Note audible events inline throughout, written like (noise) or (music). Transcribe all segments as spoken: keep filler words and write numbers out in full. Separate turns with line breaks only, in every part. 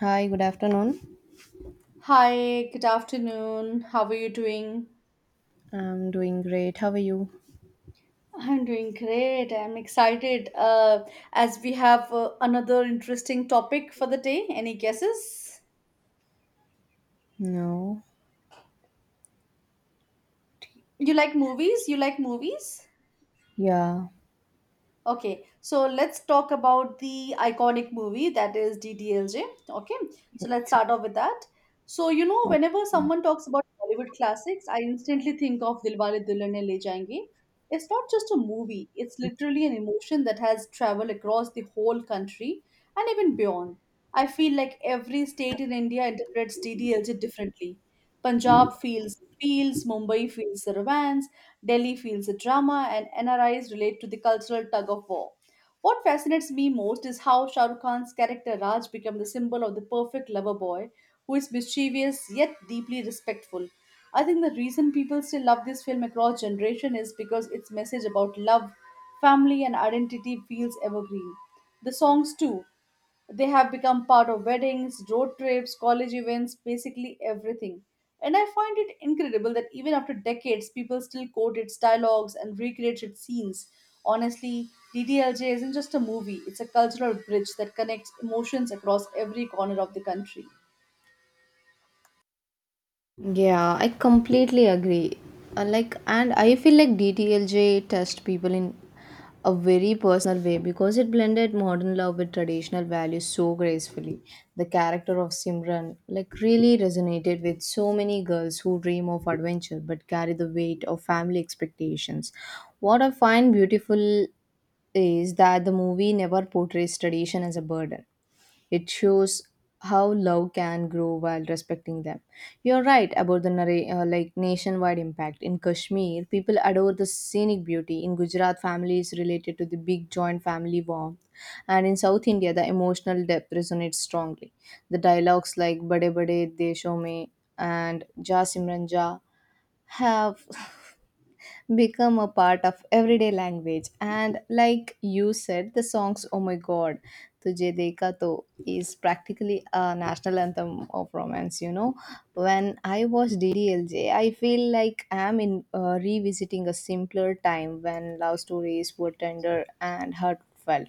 Hi, good afternoon.
Hi, good afternoon. How are you doing?
I'm doing great. How are you?
I'm doing great. I'm excited uh, as we have uh, another interesting topic for the day. Any guesses?
No.
You like movies? You like movies?
Yeah.
Okay, so let's talk about the iconic movie that is D D L J. Okay, so let's
Okay.
start off with that. So, you know, whenever someone talks about Bollywood classics, I instantly think of Dilwale Dulhania Le Jayenge. It's not just a movie, it's literally an emotion that has traveled across the whole country and even beyond. I feel like every state in India interprets D D L J differently. Punjab feels feels, Mumbai feels the romance, Delhi feels the drama, and N R Is relate to the cultural tug of war. What fascinates me most is how Shah Rukh Khan's character Raj became the symbol of the perfect lover boy who is mischievous yet deeply respectful. I think the reason people still love this film across generation is because its message about love, family, and identity feels evergreen. The songs too. They have become part of weddings, road trips, college events, basically everything. And I find it incredible that even after decades, people still quote its dialogues and recreate its scenes. Honestly, D D L J isn't just a movie, it's a cultural bridge that connects emotions across every corner of the country.
Yeah, I completely agree. And like, and I feel like D T L J touched people in a very personal way because it blended modern love with traditional values so gracefully. The character of Simran like really resonated with so many girls who dream of adventure but carry the weight of family expectations. What I find beautiful is that the movie never portrays tradition as a burden. It shows how love can grow while respecting them. You're right about the narra- uh, like nationwide impact. In Kashmir, people adore the scenic beauty. In Gujarat, families related to the big joint family warmth. And in South India, the emotional depth resonates strongly. The dialogues like Bade Bade Desho Mein and Ja Simran Ja have (laughs) become a part of everyday language. And like you said, the songs Oh My God, Tujhe Dekha To is practically a national anthem of romance, you know. When I watch D D L J, I feel like I'm in uh, revisiting a simpler time when love stories were tender and heartfelt.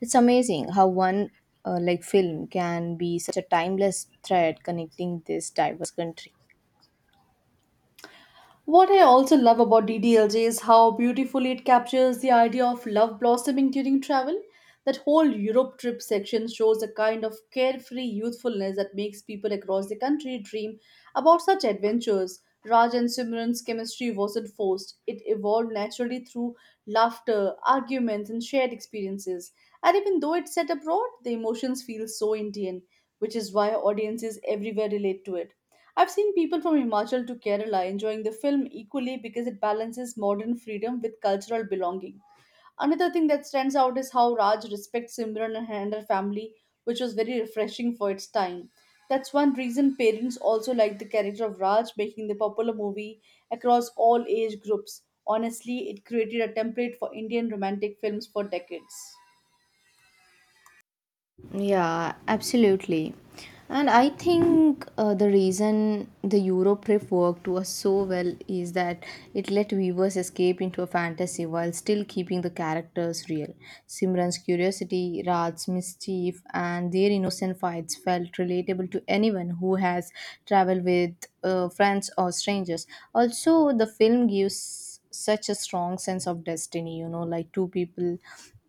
It's amazing how one uh, like film can be such a timeless thread connecting this diverse country.
What I also love about D D L J is how beautifully it captures the idea of love blossoming during travel. That whole Europe trip section shows a kind of carefree youthfulness that makes people across the country dream about such adventures. Raj and Simran's chemistry wasn't forced, it evolved naturally through laughter, arguments, and shared experiences. And even though it's set abroad, the emotions feel so Indian, which is why audiences everywhere relate to it. I've seen people from Himachal to Kerala enjoying the film equally because it balances modern freedom with cultural belonging. Another thing that stands out is how Raj respects Simran and her family, which was very refreshing for its time. That's one reason parents also like the character of Raj, making the popular movie across all age groups. Honestly, it created a template for Indian romantic films for decades.
Yeah, absolutely. And I think uh, the reason the Eurotrip worked was so well is that it let viewers escape into a fantasy while still keeping the characters real. Simran's curiosity, Raj's mischief, and their innocent fights felt relatable to anyone who has traveled with uh, friends or strangers. Also, the film gives such a strong sense of destiny, you know, like two people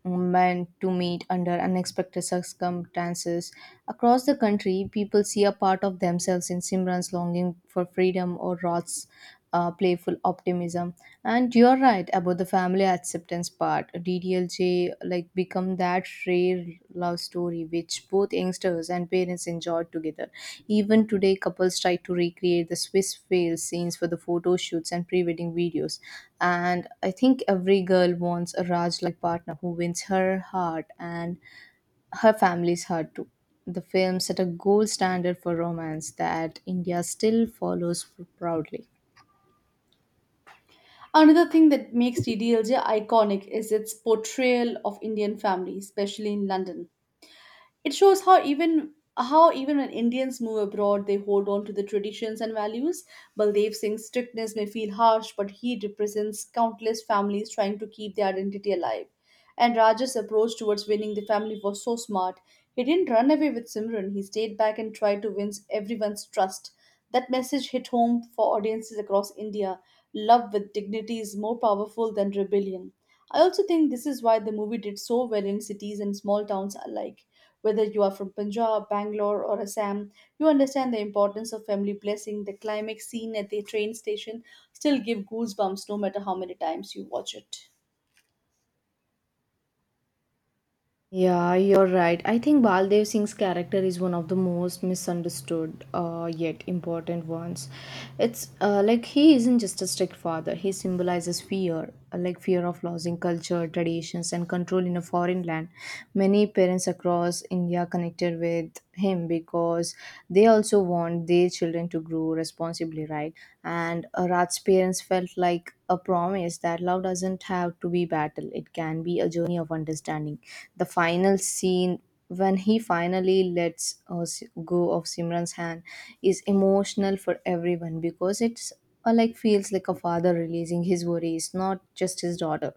meant to meet under unexpected circumstances. Across the country, people see a part of themselves in Simran's longing for freedom or Rod's uh, playful optimism. And you're right about the family acceptance part. D D L J like becomes that rare love story which both youngsters and parents enjoyed together. Even today, couples try to recreate the Swiss fail scenes for the photo shoots and pre wedding videos. And I think every girl wants a Raj like partner who wins her heart and her family's heart too. The film set a gold standard for romance that India still follows proudly.
Another thing that makes T D L J iconic is its portrayal of Indian families, especially in London. It shows how even how even when Indians move abroad, they hold on to the traditions and values. Baldev Singh's strictness may feel harsh, but he represents countless families trying to keep their identity alive. And Raj's approach towards winning the family was so smart. He didn't run away with Simran. He stayed back and tried to win everyone's trust. That message hit home for audiences across India. Love with dignity is more powerful than rebellion. I also think this is why the movie did so well in cities and small towns alike. Whether you are from Punjab, Bangalore, or Assam, you understand the importance of family blessing. The climax scene at the train station still give goosebumps no matter how many times you watch it.
Yeah, you're right. I think Baldev Singh's character is one of the most misunderstood uh, yet important ones. It's uh, like he isn't just a strict father, he symbolizes fear, uh, like fear of losing culture, traditions, and control in a foreign land. Many parents across India connected with him because they also want their children to children to grow responsibly, right? And uh, Rat's parents felt like a promise that love doesn't have to be battle; it can be a journey of understanding. The final scene when he finally lets us go of Simran's hand is emotional for everyone because it's uh, like feels like a father releasing his worries, not just his daughter.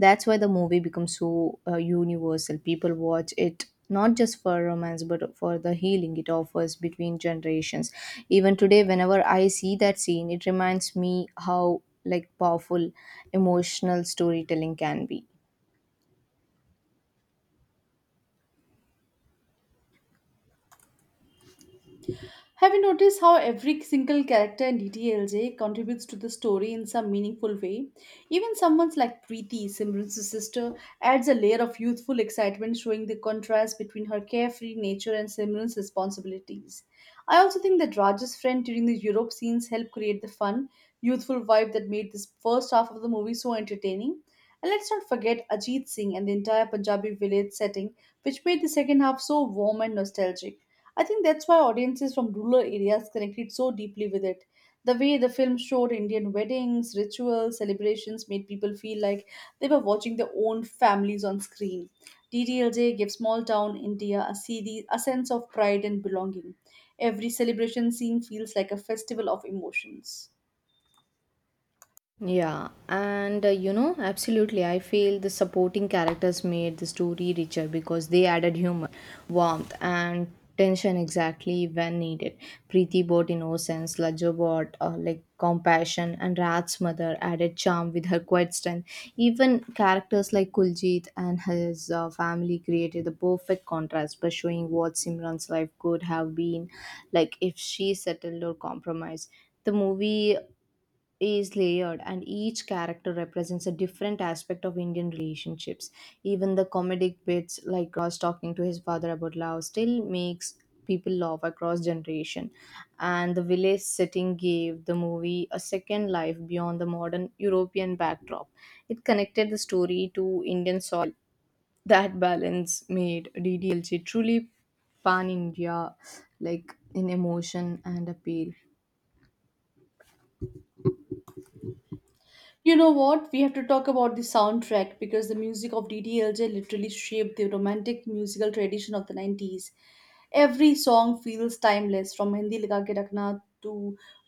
That's why the movie becomes so uh, universal. People watch it not just for romance but for the healing it offers between generations. Even today whenever I see that scene it reminds me how like powerful emotional storytelling can be.
Have you noticed how every single character in D T L J contributes to the story in some meaningful way? Even someone like Preeti, Simran's sister, adds a layer of youthful excitement, showing the contrast between her carefree nature and Simran's responsibilities. I also think that Raj's friend during the Europe scenes helped create the fun, youthful vibe that made this first half of the movie so entertaining. And let's not forget Ajit Singh and the entire Punjabi village setting, which made the second half so warm and nostalgic. I think that's why audiences from rural areas connected so deeply with it. The way the film showed Indian weddings, rituals, celebrations made people feel like they were watching their own families on screen. D D L J gave small town India a, series, a sense of pride and belonging. Every celebration scene feels like a festival of emotions.
Yeah, and uh, you know, absolutely. I feel the supporting characters made the story richer because they added humor, warmth, and tension exactly when needed. Preeti brought innocence, Lajjo brought uh, like compassion, and Rat's mother added charm with her quiet strength. Even characters like Kuljit and his uh, family created the perfect contrast by showing what Simran's life could have been like if she settled or compromised the movie is layered and each character represents a different aspect of Indian relationships. Even the comedic bits like Ross talking to his father about love still makes people laugh across generation. And the village setting gave the movie a second life beyond the modern European backdrop. It connected the story to Indian soil. That balance made D D L J truly pan India like in emotion and appeal.
You know what? We have to talk about the soundtrack because the music of D D L J literally shaped the romantic musical tradition of the nineties. Every song feels timeless, from Hindi Laga Ke Rakhna to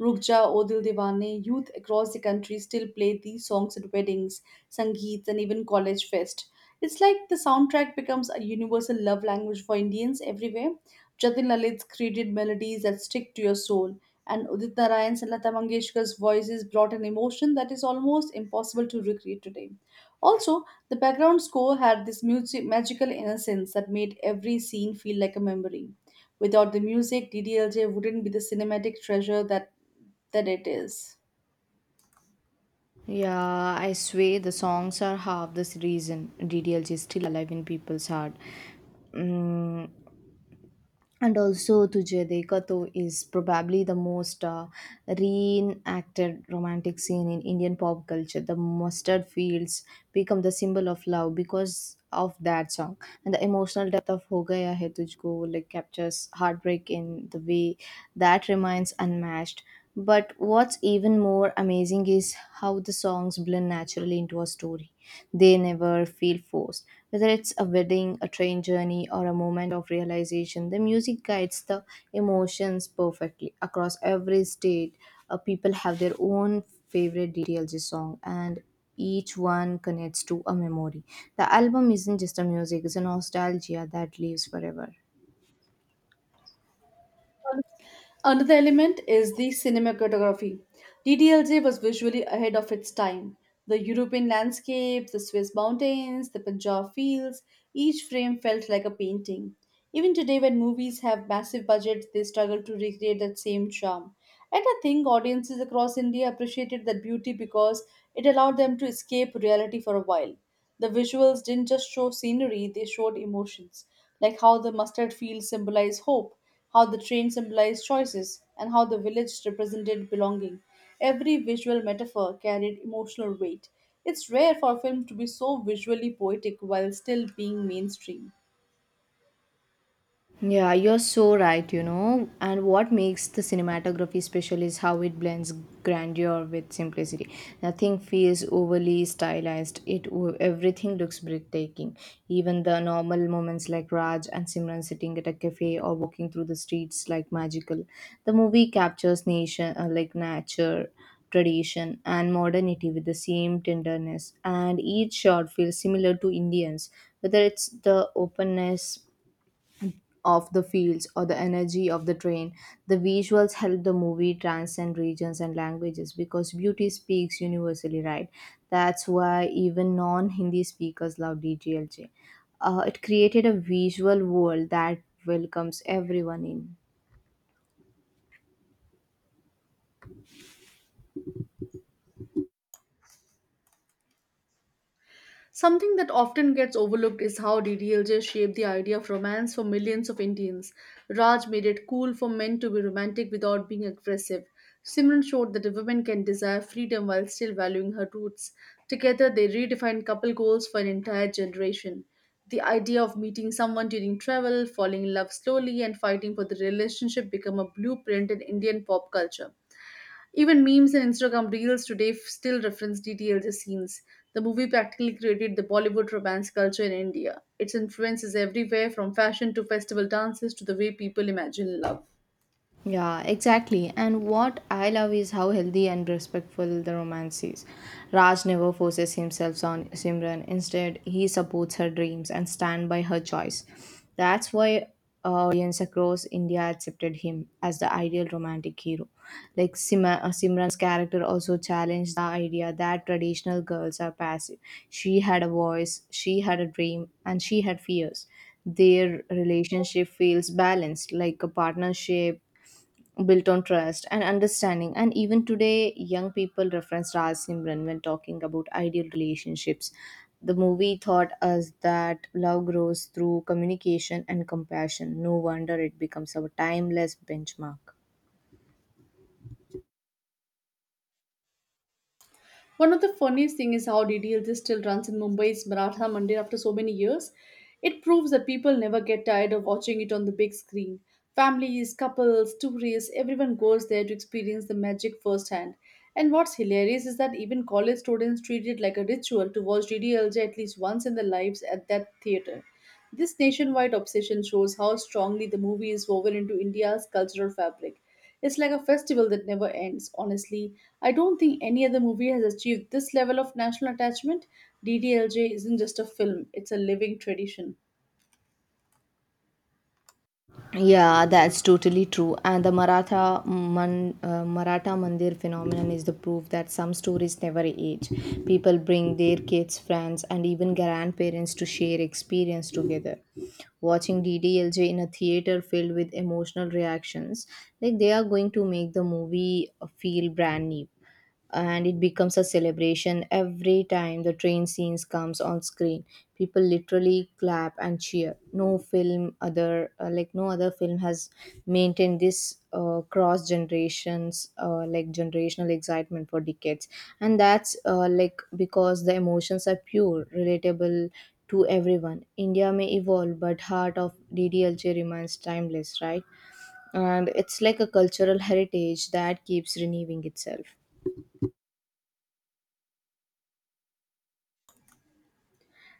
Ruk Ja O Dil Dewane. Youth across the country still play these songs at weddings, sangeets, and even college fest. It's like the soundtrack becomes a universal love language for Indians everywhere. Jatin Lalit's created melodies that stick to your soul and Udit Narayan's and Lata Mangeshkar's voices brought an emotion that is almost impossible to recreate today. Also, the background score had this music- magical innocence that made every scene feel like a memory. Without the music, D D L J wouldn't be the cinematic treasure that, that it is.
Yeah, I swear the songs are half this reason D D L J is still alive in people's heart. Mm, and also Tujhe Dekha To is probably the most uh, reenacted romantic scene in Indian pop culture. The mustard fields become the symbol of love because of that song. And the emotional depth of Ho Gaya Hai Tujhko like captures heartbreak in the way that remains unmatched. But what's even more amazing is how the songs blend naturally into a story. They never feel forced. Whether it's a wedding, a train journey, or a moment of realization, the music guides the emotions perfectly. Across every state, uh, people have their own favorite D T L G song, and each one connects to a memory. The album isn't just a music, it's a nostalgia that lives forever.
Another element is the cinematography. D D L J was visually ahead of its time. The European landscapes, the Swiss mountains, the Punjab fields, each frame felt like a painting. Even today, when movies have massive budgets, they struggle to recreate that same charm. And I think audiences across India appreciated that beauty because it allowed them to escape reality for a while. The visuals didn't just show scenery, they showed emotions like how the mustard fields symbolize hope, how the train symbolized choices, and how the village represented belonging. Every visual metaphor carried emotional weight. It's rare for a film to be so visually poetic while still being mainstream.
Yeah, you're so right, you know. And what makes the cinematography special is how it blends grandeur with simplicity. Nothing feels overly stylized. It everything looks breathtaking. Even the normal moments like Raj and Simran sitting at a cafe or walking through the streets like magical. The movie captures nation uh, like nature, tradition and modernity with the same tenderness and each shot feels similar to Indians whether it's the openness of the fields or the energy of the train. The visuals help the movie transcend regions and languages because beauty speaks universally, right? That's why even non Hindi speakers love D G L J. Uh, it created a visual world that welcomes everyone in.
Something that often gets overlooked is how D D L J shaped the idea of romance for millions of Indians. Raj made it cool for men to be romantic without being aggressive. Simran showed that a woman can desire freedom while still valuing her roots. Together, they redefined couple goals for an entire generation. The idea of meeting someone during travel, falling in love slowly, and fighting for the relationship became a blueprint in Indian pop culture. Even memes and Instagram reels today f- still reference D T L J scenes. The movie practically created the Bollywood romance culture in India. Its influence is everywhere from fashion to festival dances to the way people imagine love.
Yeah, exactly. And what I love is how healthy and respectful the romance is. Raj never forces himself on Simran. Instead, he supports her dreams and stand by her choice. That's why uh, audience across India accepted him as the ideal romantic hero. Like Sima, uh, Simran's character also challenged the idea that traditional girls are passive. She had a voice, she had a dream, and she had fears. Their relationship feels balanced, like a partnership built on trust and understanding. And even today, young people reference Raj Simran when talking about ideal relationships. The movie taught us that love grows through communication and compassion. No wonder it becomes our timeless benchmark.
One of the funniest thing is how D D L J still runs in Mumbai's Maratha Mandir after so many years. It proves that people never get tired of watching it on the big screen. Families, couples, tourists, everyone goes there to experience the magic firsthand. And what's hilarious is that even college students treat it like a ritual to watch D D L J at least once in their lives at that theater. This nationwide obsession shows how strongly the movie is woven into India's cultural fabric. It's like a festival that never ends, honestly. I don't think any other movie has achieved this level of national attachment. D D L J isn't just a film, it's a living tradition.
Yeah, that's totally true. And the Maratha Man, uh, Maratha Mandir phenomenon is the proof that some stories never age. People bring their kids, friends, and even grandparents to share experience together. Watching D D L J in a theater filled with emotional reactions. Like they are going to make the movie feel brand new, and it becomes a celebration every time the train scenes comes on screen. People literally clap and cheer. No film other uh, like no other film has maintained this uh, cross generations uh, like generational excitement for decades, and that's uh, like because the emotions are pure relatable to everyone. India may evolve, but heart of DDLJ remains timeless, right? And it's like a cultural heritage that keeps renewing itself.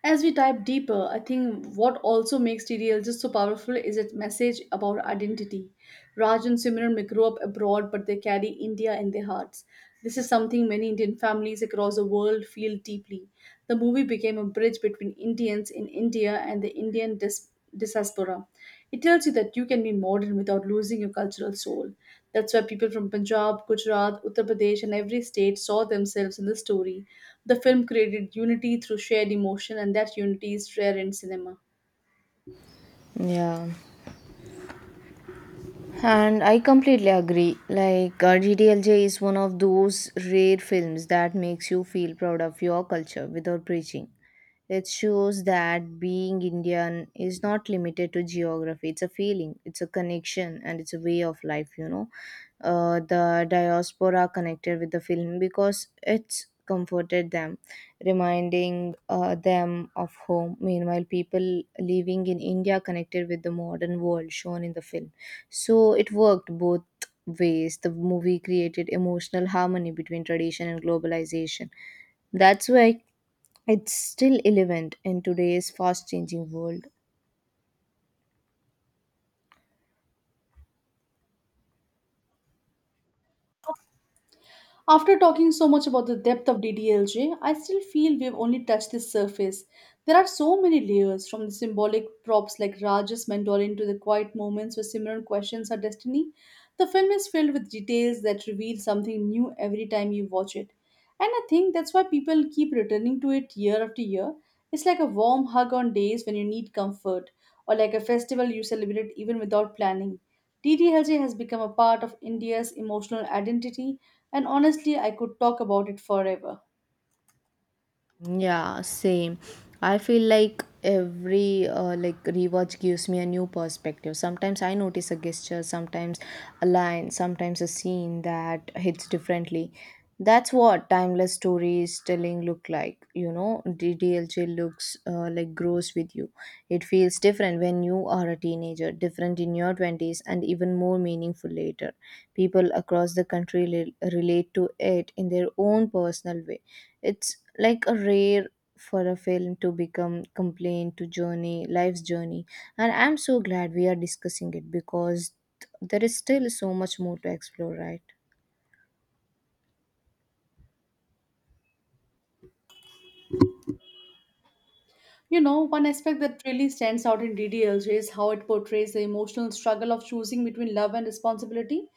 As we dive deeper, I think what also makes T D L just so powerful is its message about identity. Raj and Simran may grow up abroad, but they carry India in their hearts. This is something many Indian families across the world feel deeply. The movie became a bridge between Indians in India and the Indian diaspora diaspora. It tells you that you can be modern without losing your cultural soul. That's why people from Punjab, Gujarat, Uttar Pradesh, and every state saw themselves in the story. The film created unity through shared emotion, and that unity is rare in cinema.
Yeah, and I completely agree. Like, uh, G D L J is one of those rare films that makes you feel proud of your culture without preaching. It shows that being Indian is not limited to geography. It's a feeling, it's a connection, and it's a way of life, you know. Uh, the diaspora connected with the film because it's comforted them, reminding uh, them of home. Meanwhile, people living in India connected with the modern world shown in the film. So it worked both ways. The movie created emotional harmony between tradition and globalization. That's why it's still relevant in today's fast changing world.
After talking so much about the depth of D D L J, I still feel we've only touched the surface. There are so many layers, from the symbolic props like Raj's mentoring to the quiet moments where Simran questions her destiny. The film is filled with details that reveal something new every time you watch it. And I think that's why people keep returning to it year after year. It's like a warm hug on days when you need comfort, or like a festival you celebrate even without planning. D D L J has become a part of India's emotional identity, and honestly, I could talk about it forever.
Yeah, same. I feel like every uh, like rewatch gives me a new perspective. Sometimes I notice a gesture, sometimes a line, sometimes a scene that hits differently. That's what timeless stories telling look like. You know, D D L J looks uh, like grows with you. It feels different when you are a teenager, different in your twenties, and even more meaningful later. People across the country rel- relate to it in their own personal way. It's like a rare for a film to become complaint to journey life's journey, and I'm so glad we are discussing it because there is still so much more to explore, right?
You know, one aspect that really stands out in D D L J is how it portrays the emotional struggle of choosing between love and responsibility.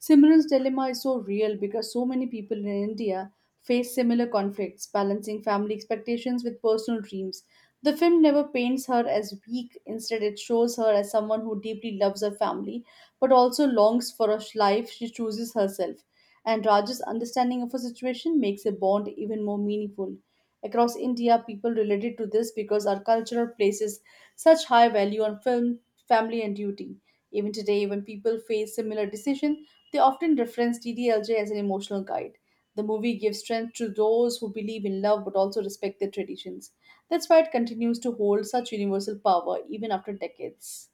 Simran's dilemma is so real because so many people in India face similar conflicts, balancing family expectations with personal dreams. The film never paints her as weak, instead, it shows her as someone who deeply loves her family but also longs for a life she chooses herself. And Raj's understanding of her situation makes a bond even more meaningful. Across India, people related to this because our culture places such high value on film, family, and duty. Even today, when people face similar decision, they often reference D D L J as an emotional guide. The movie gives strength to those who believe in love but also respect their traditions. That's why it continues to hold such universal power even after decades.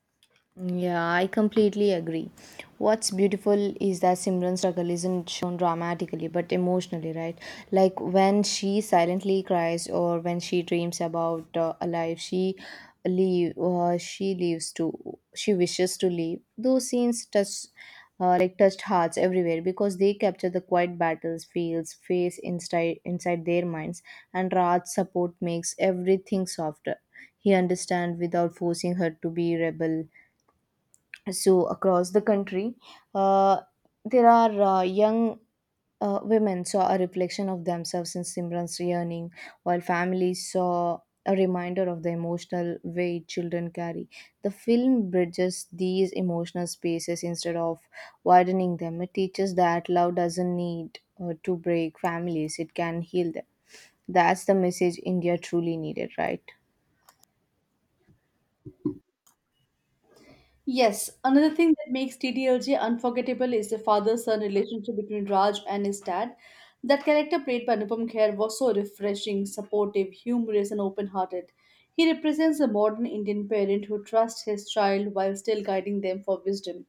Yeah, I completely agree. What's beautiful is that Simran's struggle isn't shown dramatically but emotionally, right? Like when she silently cries or when she dreams about uh, a life she leave uh, she leaves to she wishes to leave. Those scenes touch uh, like touched hearts everywhere because they capture the quiet battles fields face inside inside their minds, and Raj's support makes everything softer. He understands without forcing her to be rebel, so across the country uh, there are uh, young uh, women saw a reflection of themselves in Simran's yearning, while families saw a reminder of the emotional weight children carry. The film bridges these emotional spaces instead of widening them. It teaches that love doesn't need uh, to break families, it can heal them. That's the message India truly needed, right?
Yes, another thing that makes T T L J unforgettable is the father-son relationship between Raj and his dad. That character played by Anupam Kher was so refreshing, supportive, humorous, and open-hearted. He represents a modern Indian parent who trusts his child while still guiding them for wisdom.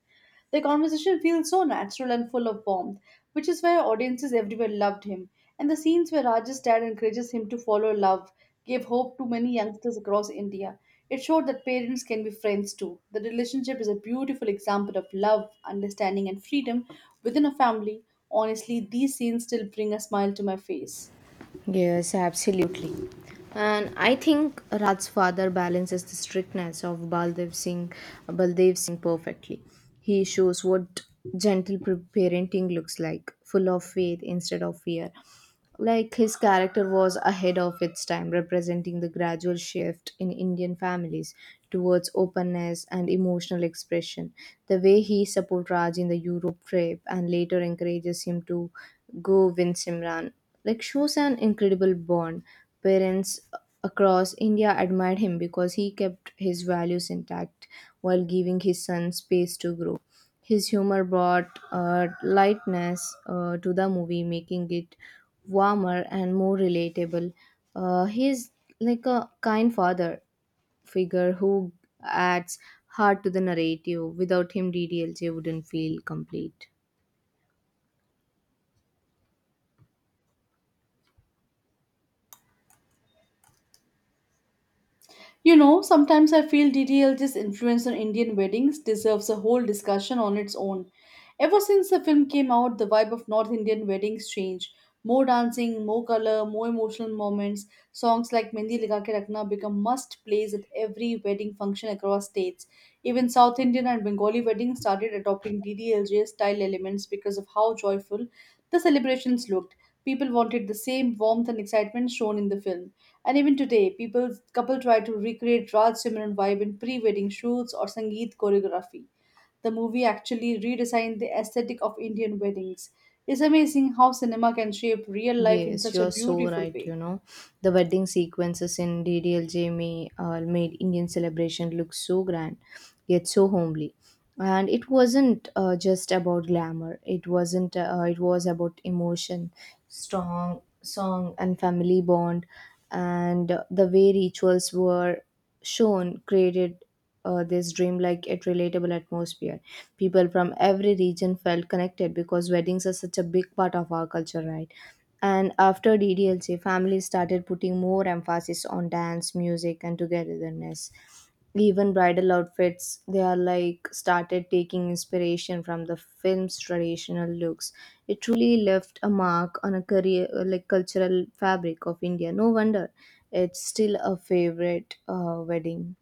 The conversation feels so natural and full of warmth, which is why audiences everywhere loved him. And the scenes where Raj's dad encourages him to follow love gave hope to many youngsters across India. It showed that parents can be friends too. The relationship is a beautiful example of love, understanding, and freedom within a family. Honestly, these scenes still bring a smile to my face.
Yes, absolutely. And I think Raj's father balances the strictness of Baldev Singh, Baldev Singh perfectly. He shows what gentle pre- parenting looks like, full of faith instead of fear. Like his character was ahead of its time, representing the gradual shift in Indian families towards openness and emotional expression. The way he supports Raj in the Europe trip and later encourages him to go win Simran like shows an incredible bond. Parents across India admired him because he kept his values intact while giving his son space to grow. His humor brought uh, lightness uh, to the movie, making it warmer and more relatable. Uh, he's like a kind father figure who adds heart to the narrative. Without him, D D L J wouldn't feel complete.
You know, sometimes I feel D D L J's influence on Indian weddings deserves a whole discussion on its own. Ever since the film came out, the vibe of North Indian weddings changed. More dancing, more color, more emotional moments. Songs like Mendi Laga Ke Rakhna become must plays at every wedding function across states. Even South Indian and Bengali weddings started adopting D D L J style elements because of how joyful the celebrations looked. People wanted the same warmth and excitement shown in the film. And even today, people couple try to recreate Raj Simran vibe in pre-wedding shoots or Sangeet choreography. The movie actually redesigned the aesthetic of Indian weddings. It's amazing how cinema can shape real life in
Yes,
such a
you're so
beautiful
right. You
way.
know, the wedding sequences in D D L J may, uh, made Indian celebration look so grand, yet so homely. And it wasn't uh, just about glamour. It wasn't. Uh, it was about emotion, strong song, and family bond. And uh, the way rituals were shown created uh, this dreamlike yet relatable atmosphere. People from every region felt connected because weddings are such a big part of our culture, right? And after D D L C, families started putting more emphasis on dance, music, and togetherness. Even bridal outfits, they are like started taking inspiration from the film's traditional looks. It truly left a mark on a career, like cultural fabric of India. No wonder it's still a favorite uh, wedding.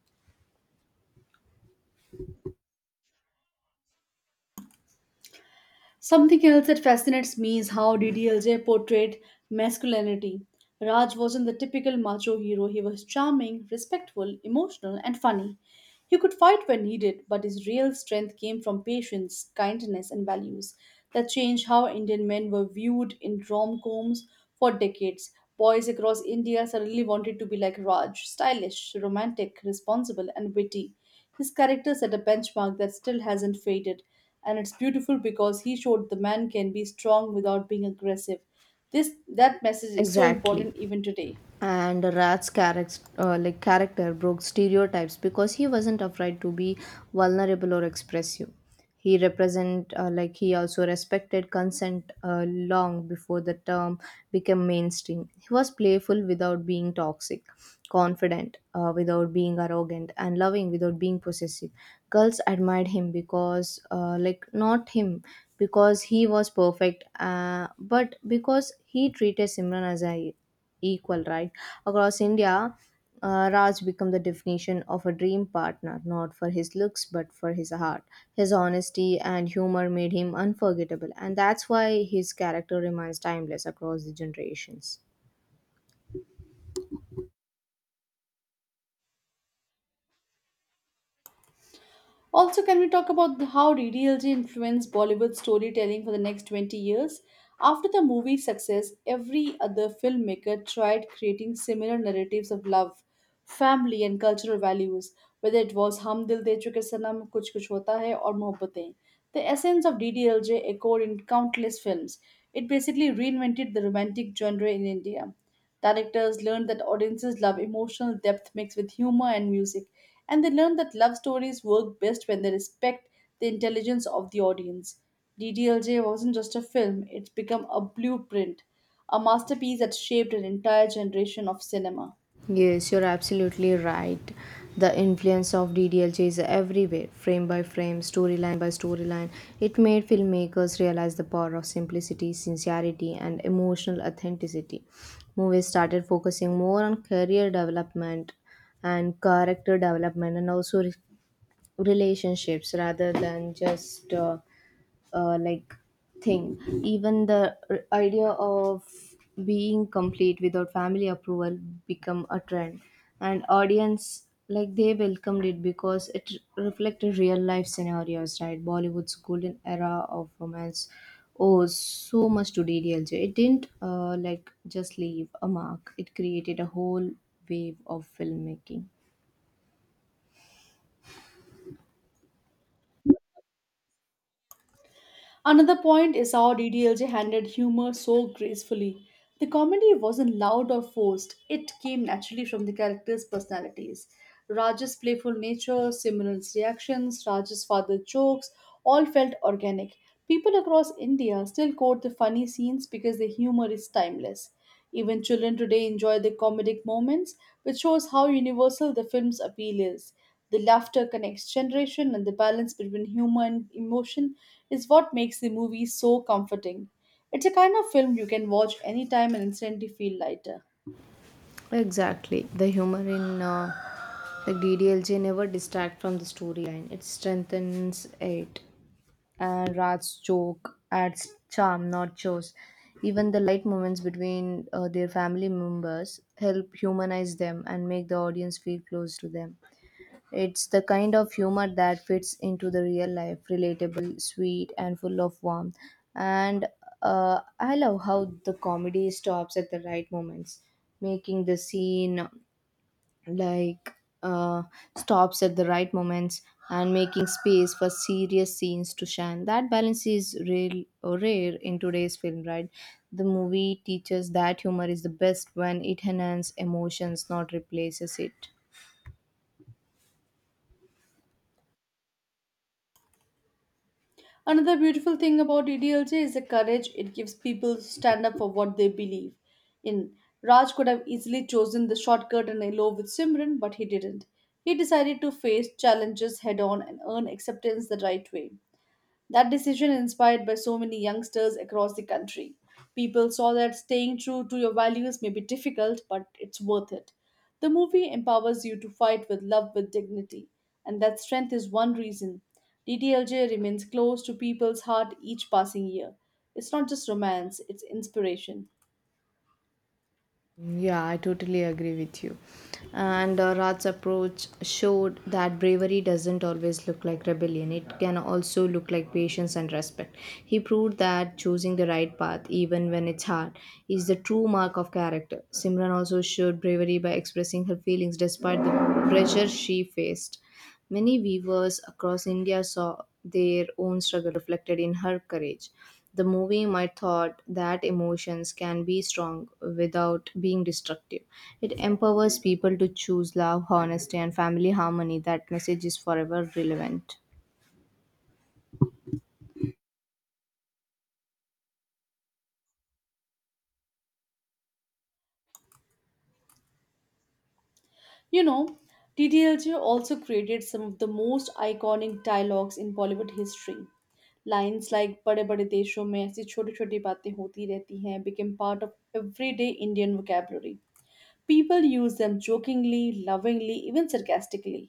Something else that fascinates me is how D D L J portrayed masculinity. Raj wasn't the typical macho hero, he was charming, respectful, emotional, and funny. He could fight when needed, but his real strength came from patience, kindness, and values that changed how Indian men were viewed in rom coms for decades. Boys across India suddenly wanted to be like Raj stylish, romantic, responsible, and witty. His character set a benchmark that still hasn't faded, and it's beautiful because he showed the man can be strong without being aggressive. This that message is so
Exactly.
important even today.
And rat's character uh, like character broke stereotypes because he wasn't afraid to be vulnerable or expressive. He represent uh, like he also respected consent uh, long before the term became mainstream. He was playful without being toxic, confident uh, without being arrogant, and loving without being possessive. Girls admired him because uh, like not him because he was perfect uh, but because he treated Simran as a equal right across India. Uh, Raj became the definition of a dream partner, not for his looks but for his heart. His honesty and humor made him unforgettable, and that's why his character remains timeless across the generations.
Also, can we talk about the- how D D L J influenced Bollywood storytelling for the next twenty years? After the movie's success, every other filmmaker tried creating similar narratives of love, family, and cultural values, whether it was Hum Dil De Chuke Sanam, Kuch Kuch Hota Hai, or Mohabbatein. The essence of D D L J echoed in countless films. It basically reinvented the romantic genre in India. Directors learned that audiences love emotional depth mixed with humor and music, and they learned that love stories work best when they respect the intelligence of the audience. D D L J wasn't just a film, it's become a blueprint, a masterpiece that shaped an entire generation of cinema.
Yes, you're absolutely right. The influence of D D L J is everywhere, frame by frame, storyline by storyline. It made filmmakers realize the power of simplicity, sincerity, and emotional authenticity. Movies started focusing more on career development and character development and also re- relationships rather than just uh, uh, like thing. Even the r- idea of being complete without family approval become a trend, and audience like they welcomed it because it reflected real life scenarios, right? Bollywood's golden era of romance owes so much to ddlj. It didn't uh, like just leave a mark, it created a whole wave of filmmaking.
Another point is how D D L J handled humor so gracefully. The comedy wasn't loud or forced, it came naturally from the characters' personalities. Raj's playful nature, Simran's reactions, Raj's father jokes all felt organic. People across India still quote the funny scenes because the humor is timeless. Even children today enjoy the comedic moments, which shows how universal the film's appeal is. The laughter connects generation and the balance between humor and emotion is what makes the movie so comforting. It's a kind of film you can watch anytime and instantly feel lighter.
Exactly. The humor in uh, the D D L J never distract from the storyline. It strengthens it. And Raj's joke adds charm, not chores. Even the light moments between uh, their family members help humanize them and make the audience feel close to them. It's the kind of humor that fits into the real life, relatable, sweet, and full of warmth. And uh, I love how the comedy stops at the right moments, making the scene like uh, stops at the right moments and making space for serious scenes to shine. That balance is real rare in today's film, right? The movie teaches that humor is the best when it enhances emotions, not replaces it.
Another beautiful thing about D D L J is the courage it gives people to stand up for what they believe in. Raj could have easily chosen the shortcut and elope with Simran, but he didn't. He decided to face challenges head on and earn acceptance the right way. That decision inspired by so many youngsters across the country. People saw that staying true to your values may be difficult, but it's worth it. The movie empowers you to fight with love with dignity, and that strength is one reason. D T L J remains close to people's heart each passing year. It's not just romance, it's inspiration.
Yeah, I totally agree with you. And uh, rat's approach showed that bravery doesn't always look like rebellion. It can also look like patience and respect. He proved that choosing the right path, even when it's hard, is the true mark of character. Simran also showed bravery by expressing her feelings despite the pressure she faced. Many weavers across India saw their own struggle reflected in her courage. The movie might thought that emotions can be strong without being destructive. It empowers people to choose love, honesty, and family harmony. That message is forever relevant.
You know, T T L J also created some of the most iconic dialogues in Bollywood history. Lines like बड़े बड़े देशों में ऐसी छोटी छोटी बातें होती रहती हैं became part of everyday Indian vocabulary. People used them jokingly, lovingly, even sarcastically.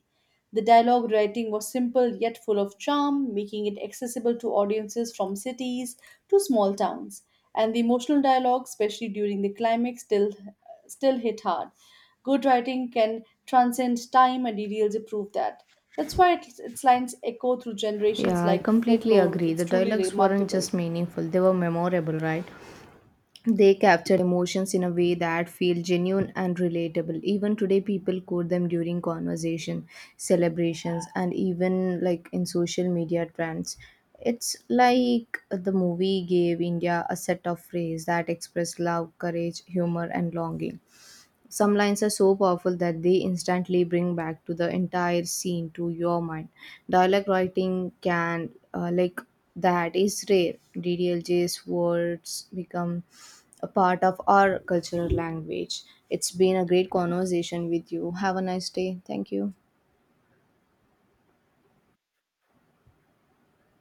The dialogue writing was simple yet full of charm, making it accessible to audiences from cities to small towns. And the emotional dialogue, especially during the climax, still still hit hard. Good writing can transcend time, and details prove that. That's why its, its lines echo through generations
Yeah, I
like
completely
folklore.
agree.
It's
The
truly
dialogues weren't
remarkable.
just meaningful, they were memorable, right? They capture emotions in a way that feel genuine and relatable. Even today, people quote them during conversation, celebrations, and even like in social media trends. It's like the movie gave India a set of phrases that express love, courage, humor, and longing. Some lines are so powerful that they instantly bring back to the entire scene to your mind. Dialect writing can, uh, like, that is rare. DDLJ's words become a part of our cultural language. It's been a great conversation with you. Have a nice day. Thank you.